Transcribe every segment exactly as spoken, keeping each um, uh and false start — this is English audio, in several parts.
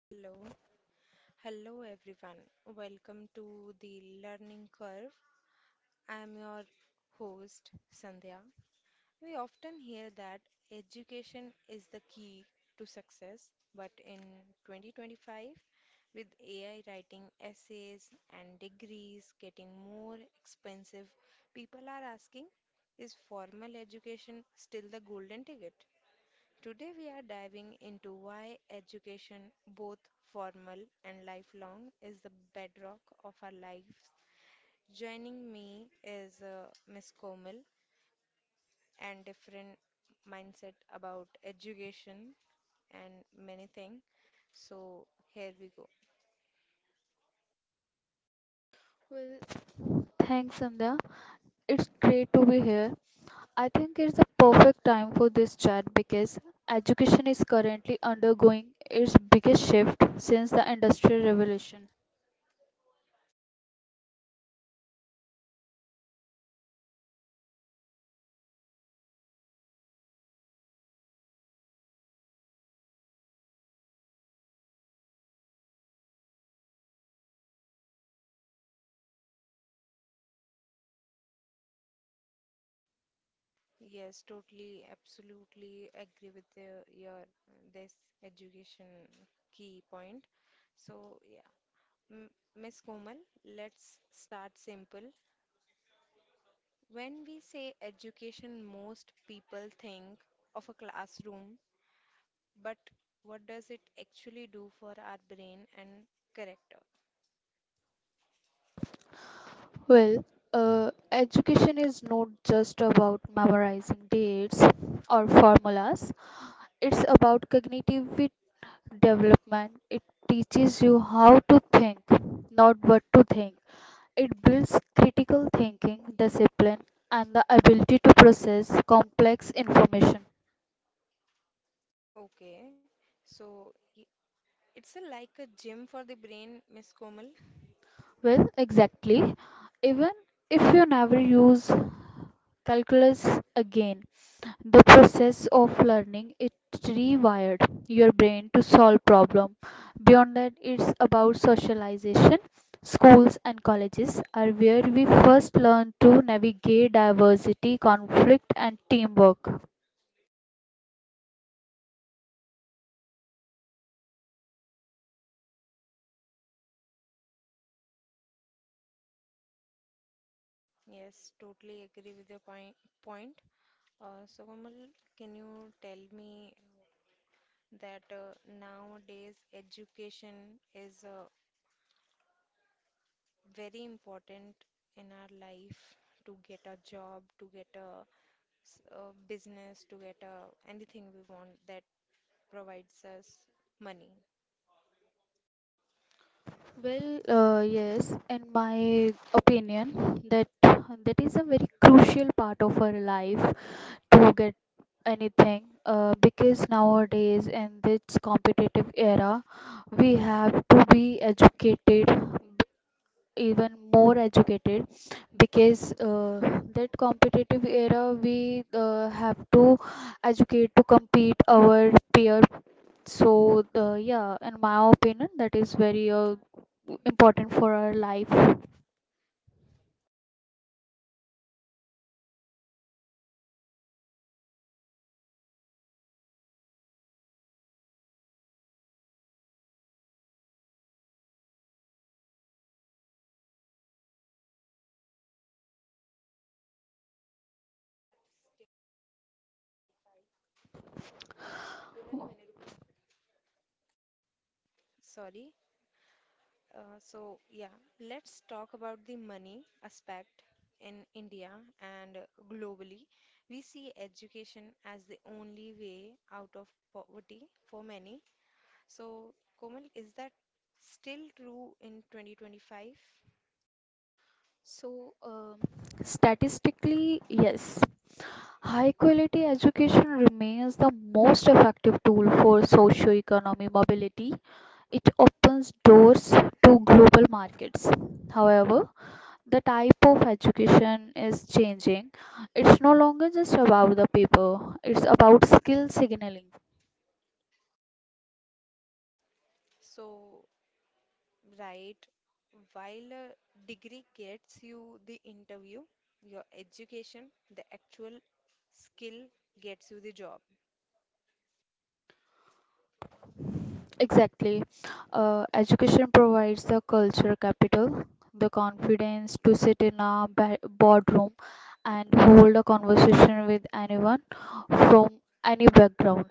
Hello, hello everyone. Welcome to the Learning Curve. I am your host, Sandhya. We often hear that education is the key to success, but in twenty twenty-five, with A I writing essays and degrees getting more expensive, people are asking, is formal education still the golden ticket? Today, we are diving into why education, both formal and lifelong, is the bedrock of our lives. Joining me is uh, Miss Komal and friend mindset about education and many things. So, here we go. Well, thanks, Amda. It's great to be here. I think it's the perfect time for this chat because education is currently undergoing its biggest shift since the Industrial Revolution. Yes, totally, absolutely agree with your, your uh, this education key point. So, yeah, M- Miss Komal, let's start simple. When we say education, most people think of a classroom, but what does it actually do for our brain and character? Well, uh, education is not just about memorizing dates or formulas, it's about cognitive development. It teaches you how to think, not what to think. It builds critical thinking, discipline, and the ability to process complex information. Okay, so y- it's a, like a gym for the brain, Miss Komal. Well, exactly. Even if you never use calculus again, the process of learning it rewired your brain to solve problem. Beyond that, it's about socialization. Schools and colleges are where we first learn to navigate diversity, conflict, and teamwork. Yes, totally agree with your point. point. Uh, so, Komal, can you tell me that uh, nowadays education is uh, very important in our life to get a job, to get a, s- a business, to get a anything we want that provides us money. Well, uh, yes, in my opinion, that that is a very crucial part of our life to get anything. Uh, because nowadays, in this competitive era, we have to be educated, even more educated, because uh, that competitive era, we uh, have to educate to compete our peer. So the yeah, in my opinion, that is very uh, important for our life. Sorry. Uh, so yeah, let's talk about the money aspect in India and globally. We see education as the only way out of poverty for many. So Komal, is that still true in twenty twenty-five? So um statistically, yes, high quality education remains the most effective tool for socio-economic mobility. It opens doors to global markets. However, the type of education is changing. It's no longer just about the paper, it's about skill signaling. So right. While a degree gets you the interview, your education, the actual skill gets you the job. Exactly. Uh, education provides the culture capital, the confidence to sit in a ba- boardroom and hold a conversation with anyone from any background.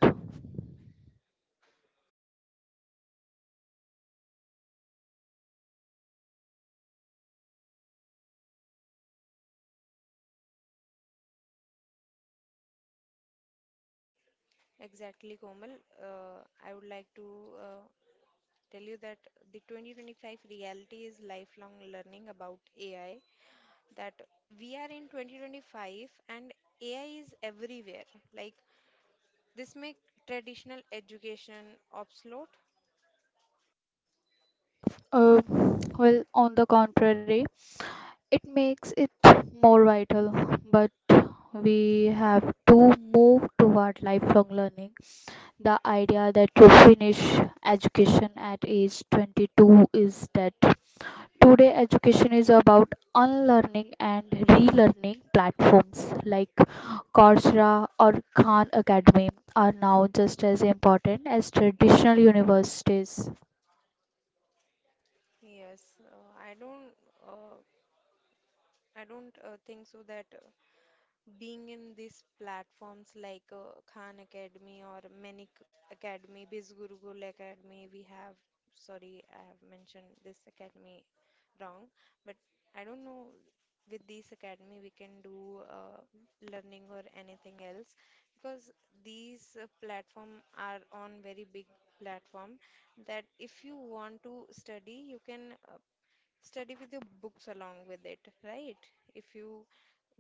Exactly, Komal. Uh, I would like to uh, tell you that the twenty twenty-five reality is lifelong learning about A I, that we are in twenty twenty-five and A I is everywhere. Like this make traditional education obsolete. Uh, well, on the contrary, it makes it more vital, but we have to move toward lifelong learning. The idea that you finish education at age twenty-two is dead. Today, education is about unlearning and relearning. Platforms like Coursera or Khan Academy are now just as important as traditional universities. Yes, uh, I don't uh, I don't uh, think so that uh, being in these platforms like uh, Khan Academy or Manik Academy, Biz Gurukul Academy, we have, sorry, I have mentioned this academy wrong, but I don't know, with this academy we can do uh, learning or anything else because these uh, platform are on very big platform that if you want to study you can uh, study with your books along with it, right? If you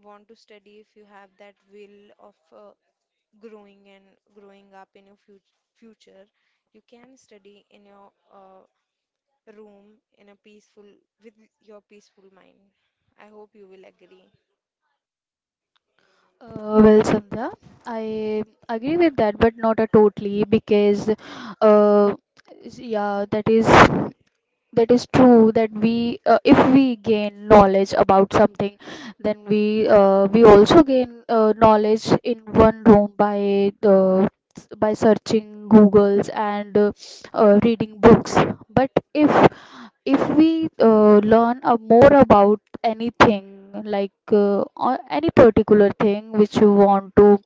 want to study, if you have that will of uh, growing and growing up in your fut- future, you can study in your uh, room in a peaceful, with your peaceful mind. I hope you will agree. Uh, well, Sandhya, I agree with that, but not uh, totally, because uh, yeah, that is that is true that we uh, if we gain knowledge about something, then we uh, we also gain uh, knowledge in one room by the by searching googles, and uh, uh, reading books. But if if we uh, learn uh, more about anything, like uh, or any particular thing which you want to,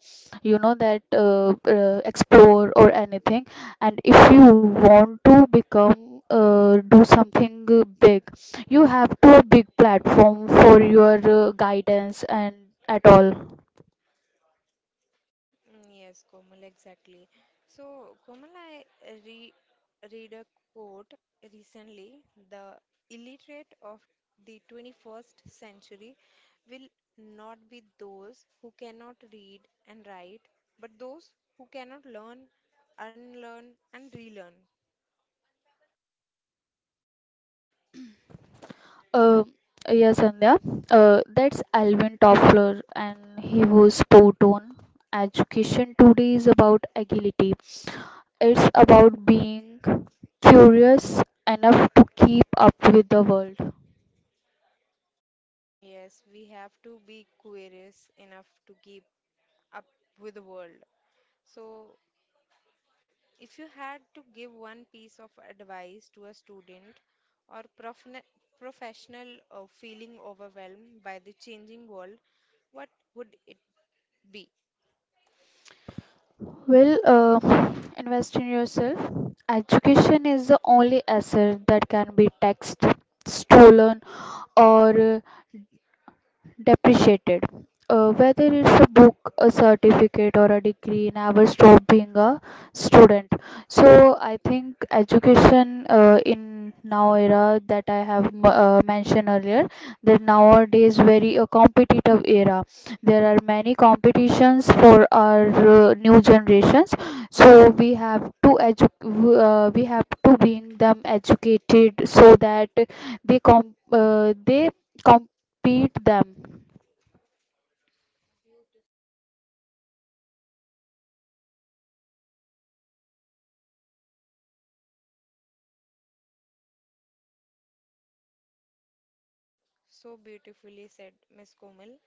you know that uh, uh, explore or anything. And if you want to become, uh, do something uh, big, you have to a big platform for your uh, guidance and at all. Mm, yes, Komal, exactly. So, Komal, I re read a quote recently. The illiterate of the twenty-first century will not be those who cannot read and write, but those who cannot learn, unlearn, and relearn. uh, yeah, Sandhya, uh, that's Alvin Toffler, and he was spot on. Education today is about agility. It's about being curious enough to keep up with the world. Mm, yes, we have to be curious enough to keep up with the world. So, if you had to give one piece of advice to a student or profne- professional uh, feeling overwhelmed by the changing world, what would it be? Well, uh, invest in yourself. Education is the only asset that can be taxed, stolen, or uh, depreciated. Uh, whether it's a book, a certificate, or a degree, never stop being a student. So I think education, uh, in now era that I have uh, mentioned earlier, that nowadays very a competitive era. There are many competitions for our uh, new generations. So we have to edu- uh, we have to bring them educated so that they com- uh, they beat them. So beautifully said, Miss Komal.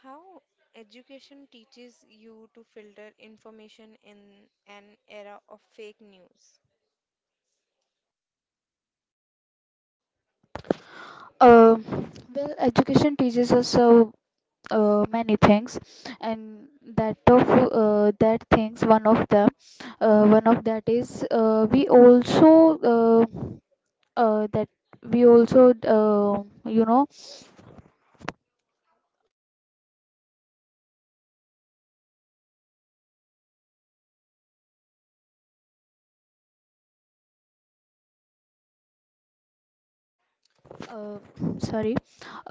How education teaches you to filter information in an era of fake news. Uh, well, education teaches us so uh, many things, and that of uh, that things, one of them, uh, one of that is uh, we also, uh, uh, that we also, uh, you know uh, sorry.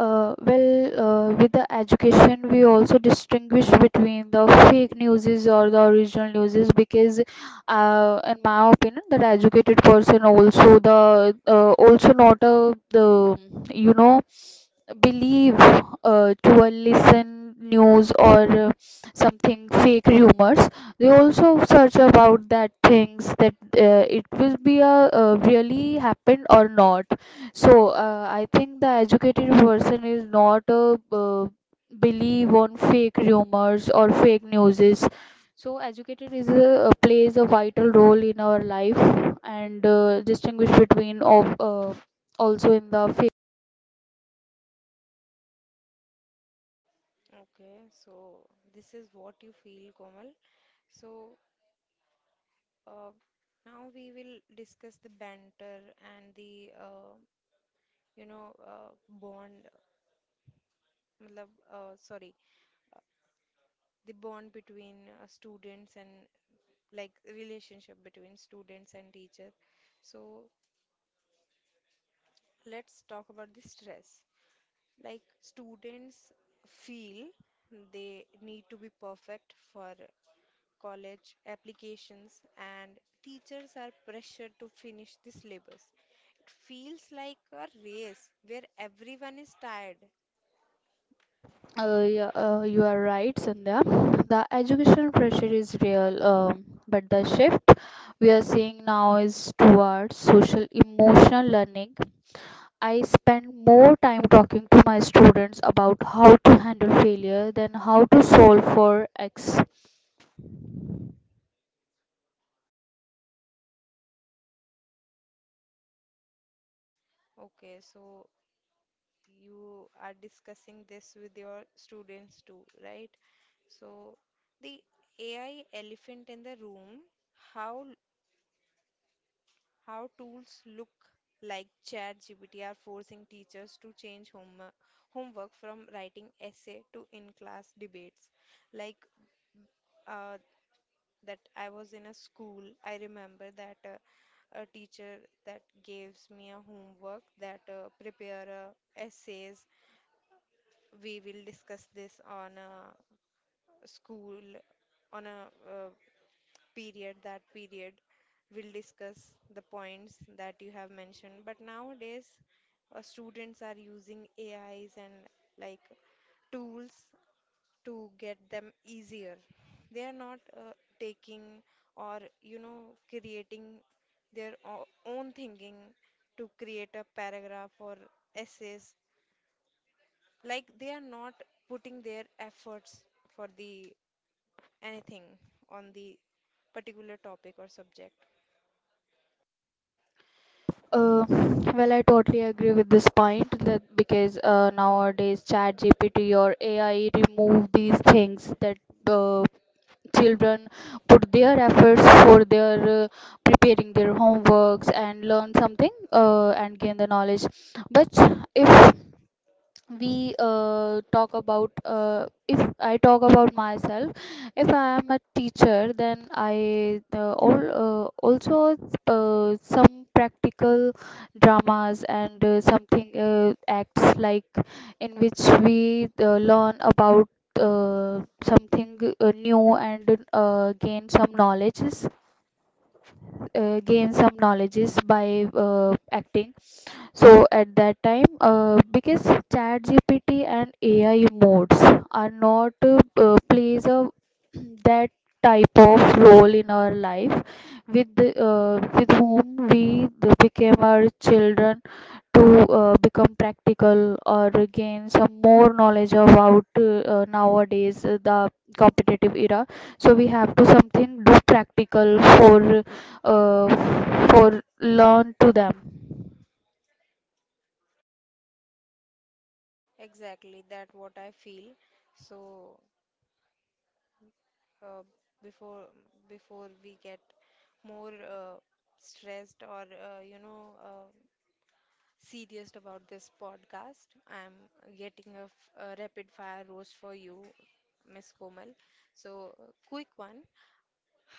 uh, Well, uh, with the education, we also distinguish between the fake newses or the original newses, because uh, in my opinion, that educated person also the uh, also not a the, you know believe uh, to a listen news or uh, something fake rumors. They also search about that things, that uh, it will be a uh, really happened or not. So uh, I think the educated person is not a, uh, believe on fake rumors or fake newses. So educated is a, plays a vital role in our life, and uh, distinguish between of uh, also in the fake. Okay, so this is what you feel, Komal. So uh, now we will discuss the banter and the uh, you know, uh, bond, matlab, uh, sorry, the bond between uh, students and like relationship between students and teacher. So let's talk about the stress. Like students feel they need to be perfect for college applications and teachers are pressured to finish the syllabus. It feels like a race where everyone is tired. Uh, yeah, uh, you are right, Sandhya. The education pressure is real, um, but the shift we are seeing now is towards social emotional learning. I spend more time talking to my students about how to handle failure than how to solve for X. Okay, so you are discussing this with your students too, right? So the A I elephant in the room, how how tools look like ChatGPT are forcing teachers to change home, homework from writing essay to in-class debates. Like uh, that I was in a school, I remember that uh, a teacher that gives me a homework that uh, prepare uh, essays we will discuss this on a school on a uh, period that period we'll discuss the points that you have mentioned, but nowadays uh, students are using ais and like tools to get them easier. They are not uh, taking or you know creating their o- own thinking to create a paragraph or essays. Like they are not putting their efforts for the anything on the particular topic or subject. Uh, well, I totally agree with this point, that because uh, nowadays ChatGPT or A I remove these things, that uh, children put their efforts for their, uh, preparing their homeworks and learn something, uh, and gain the knowledge. But if we uh, talk about uh, if I talk about myself, if I am a teacher, then I, uh, all, uh, also, uh, some practical dramas and uh, something, uh, acts, like in which we uh, learn about uh, something uh, new, and uh, gain some knowledges uh, gain some knowledges by uh, acting. So at that time, uh, because chat G P T and A I modes are not, uh, uh, plays a that type of role in our life, with the, uh, with whom we the became our children to uh, become practical or gain some more knowledge about, uh, nowadays, uh, the competitive era. So we have to something do practical for, uh, for learn to them. Exactly, that what I feel. So uh, before before we get more uh, stressed or uh, you know uh, serious about this podcast, I'm getting a, f- a rapid fire roast for you, Miss Komal. So uh, quick one.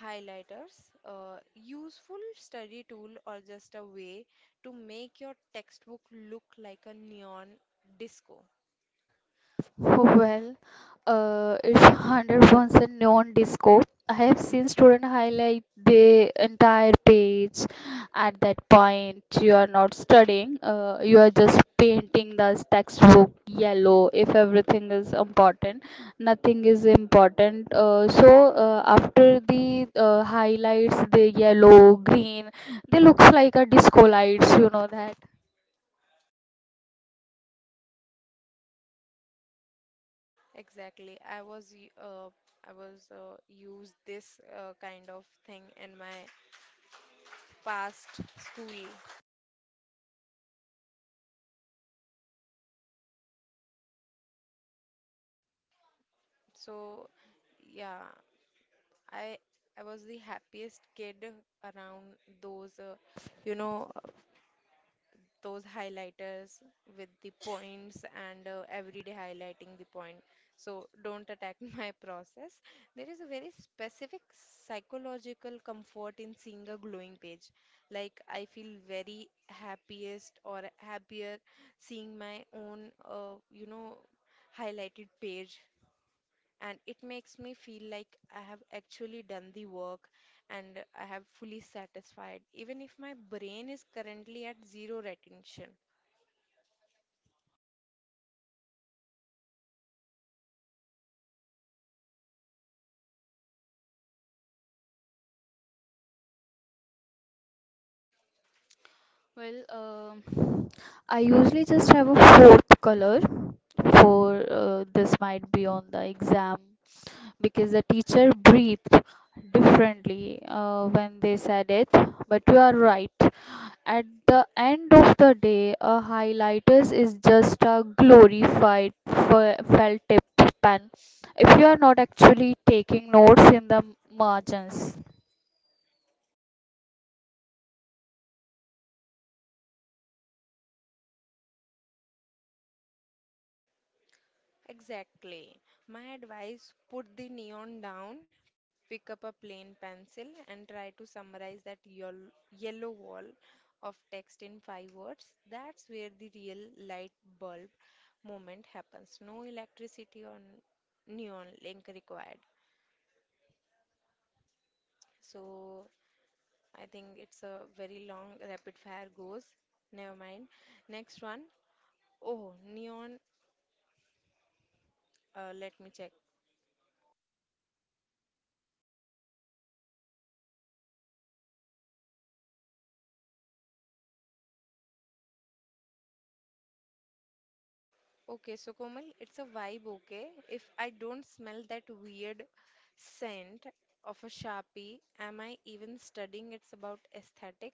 Highlighters, a useful study tool or just a way to make your textbook look like a neon disco. Well, uh, it's one hundred percent neon disco. I have seen student highlight the entire page. At that point, you are not studying, uh, you are just painting the textbook yellow. If everything is important, nothing is important. Uh, so, uh, after the uh, highlights, the yellow, green, they looks like a disco lights, you know that. Exactly. I was y- uh, I was uh, used this uh, kind of thing in my past school. So yeah, I I was the happiest kid around those uh, you know those highlighters with the points and uh, every day highlighting the point. So don't attack my process. There is a very specific psychological comfort in seeing a glowing page. Like I feel very happiest or happier seeing my own, uh, you know, highlighted page. And it makes me feel like I have actually done the work and I have fully satisfied, even if my brain is currently at zero retention. Well, um I usually just have a fourth color for, uh, this might be on the exam, because the teacher breathed differently uh, when they said it. But you are right. At the end of the day, a highlighters is just a glorified fe- felt tip pen if you are not actually taking notes in the margins. Exactly. My advice, put the neon down, pick up a plain pencil, and try to summarize that yel- yellow wall of text in five words. That's where the real light bulb moment happens. No electricity or n- neon link required. So I think it's a very long rapid fire goes. Never mind. Next one. Oh, neon. Uh, let me check. Okay, so Komal, it's a vibe, okay? If I don't smell that weird scent of a Sharpie, am I even studying? It's about aesthetic.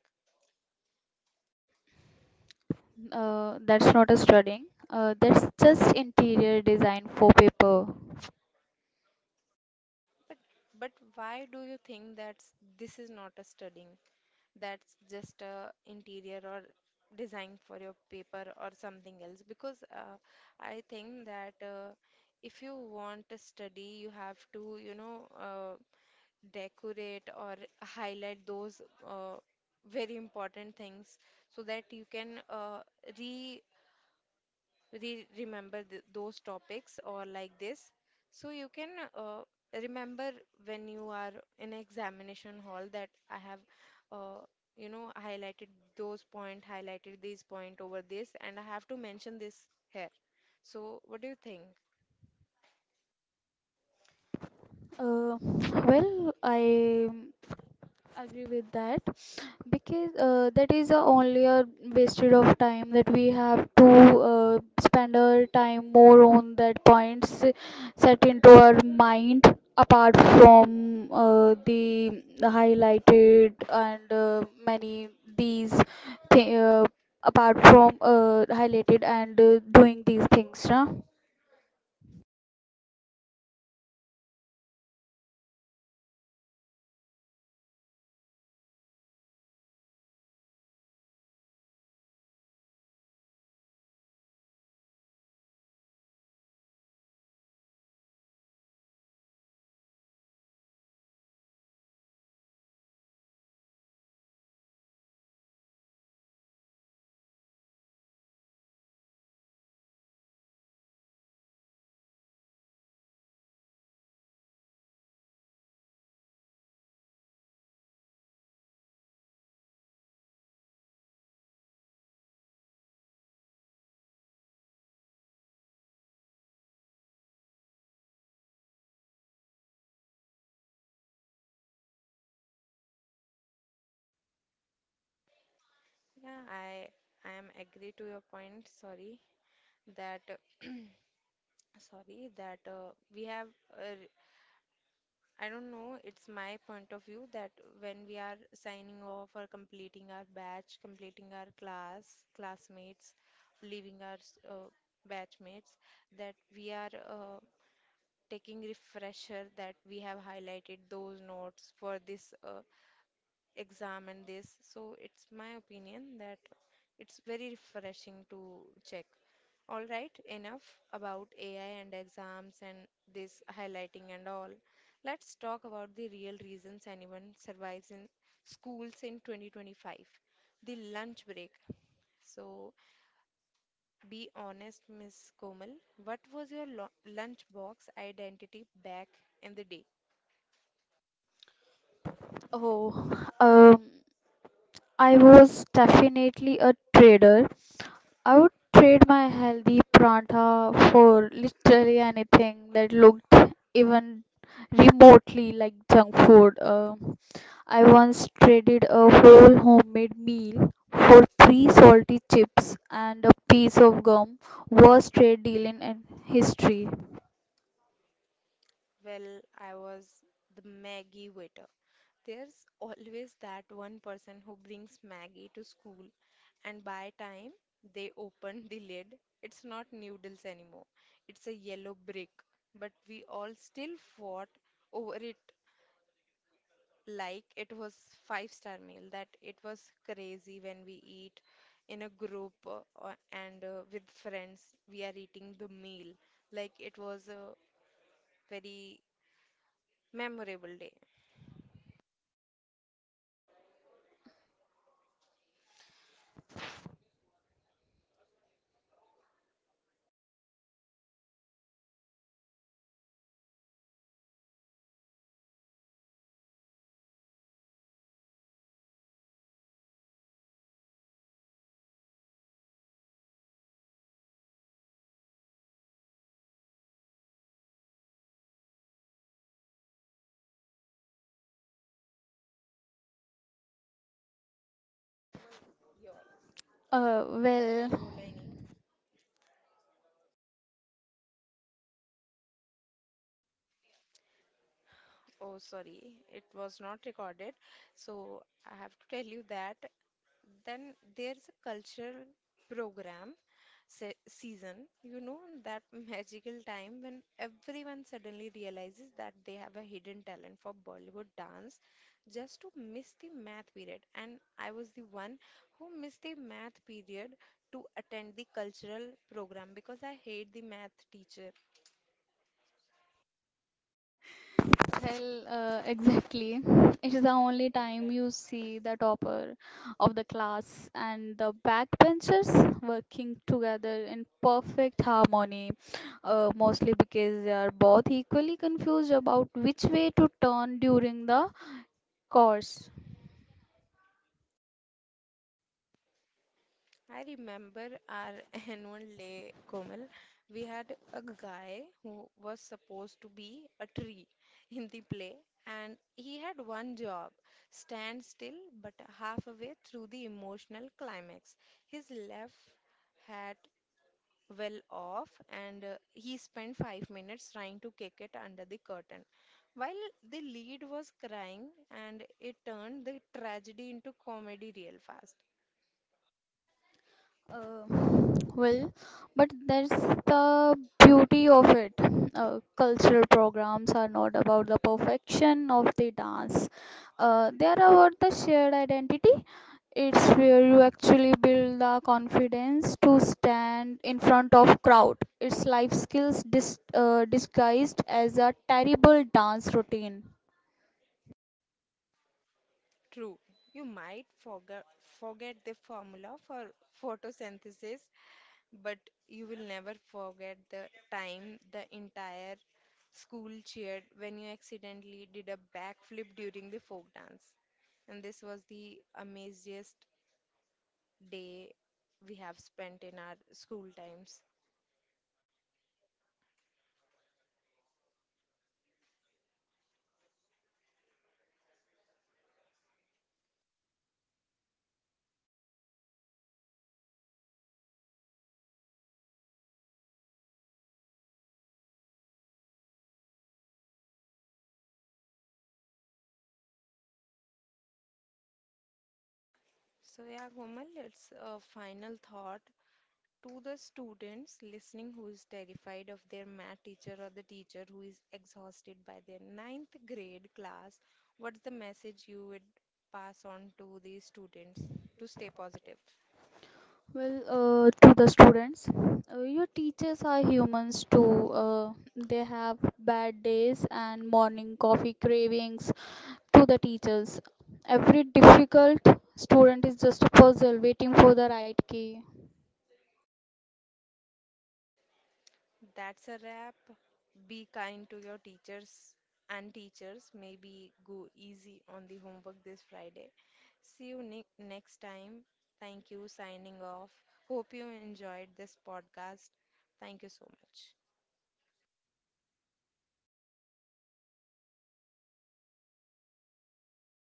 Uh, that's not a studying. Uh, that's just interior design for paper. But but why do you think that's this is not a studying? That's just a interior or design for your paper or something else? Because uh, I think that uh, if you want to study, you have to, you know, uh, decorate or highlight those uh, very important things so that you can uh, re, re remember th- those topics or like this, so you can uh, remember when you are in examination hall that I have uh, you know highlighted those point, highlighted this point over this, and I have to mention this here. So what do you think? Uh, well, I agree with that, because uh, that is uh, only a wasted of time, that we have to uh, spend our time more on that points set into our mind, apart from uh, the highlighted and uh, many these, th- uh, apart from uh, highlighted and uh, doing these things, na? Yeah, i i am agree to your point. Sorry that sorry that uh, we have uh, I don't know, it's my point of view that when we are signing off or completing our batch completing our class classmates leaving our s- uh, batchmates, that we are uh, taking refresher that we have highlighted those notes for this uh, exam and this. So it's my opinion that it's very refreshing to check. All right, enough about A I and exams and this highlighting and all. Let's talk about the real reasons anyone survives in schools in twenty twenty-five. The lunch break. So be honest, Miss Komal, what was your lo- lunch box identity back in the day? Oh, um. I was definitely a trader. I would trade my healthy pranta for literally anything that looked even remotely like junk food. Uh, I once traded a whole homemade meal for three salty chips and a piece of gum. Worst trade deal in history. Well, I was the Maggie waiter. There's always that one person who brings Maggie to school, and by time they open the lid, it's not noodles anymore. It's a yellow brick. But we all still fought over it like it was five-star meal, that it was crazy when we eat in a group uh, or- and uh, with friends. We are eating the meal like it was a very memorable day. Uh, well. Oh, sorry, it was not recorded. So I have to tell you that then there's a cultural program se season, you know, that magical time when everyone suddenly realizes that they have a hidden talent for Bollywood dance just to miss the math period. And I was the one who missed the math period to attend the cultural program because I hate the math teacher. Well, uh, exactly. It is the only time you see the topper of the class and the backbenchers working together in perfect harmony, uh, mostly because they are both equally confused about which way to turn during the course. I remember our annual day, Komal. We had a guy who was supposed to be a tree in the play, and he had one job, stand still, but halfway through the emotional climax, his left hat well off, and uh, he spent five minutes trying to kick it under the curtain. While the lead was crying, and it turned the tragedy into comedy real fast. Uh, well, but that's the beauty of it. Uh, cultural programs are not about the perfection of the dance. Uh, they are about the shared identity. It's where you actually build the confidence to stand in front of crowd. It's life skills dis- uh, disguised as a terrible dance routine. You might forget, forget the formula for photosynthesis, but you will never forget the time the entire school cheered when you accidentally did a backflip during the folk dance. And this was the amaziest day we have spent in our school times. So, yeah, Komal, it's a final thought. To the students listening who is terrified of their math teacher or the teacher who is exhausted by their ninth grade class, what's the message you would pass on to these students to stay positive? Well, uh, to the students, uh, your teachers are humans too. Uh, they have bad days and morning coffee cravings. To the teachers, every difficult student is just a puzzle waiting for the right key. That's a wrap. Be kind to your teachers and teachers. Maybe go easy on the homework this Friday. See you ne- next time. Thank you. Signing off. Hope you enjoyed this podcast. Thank you so much.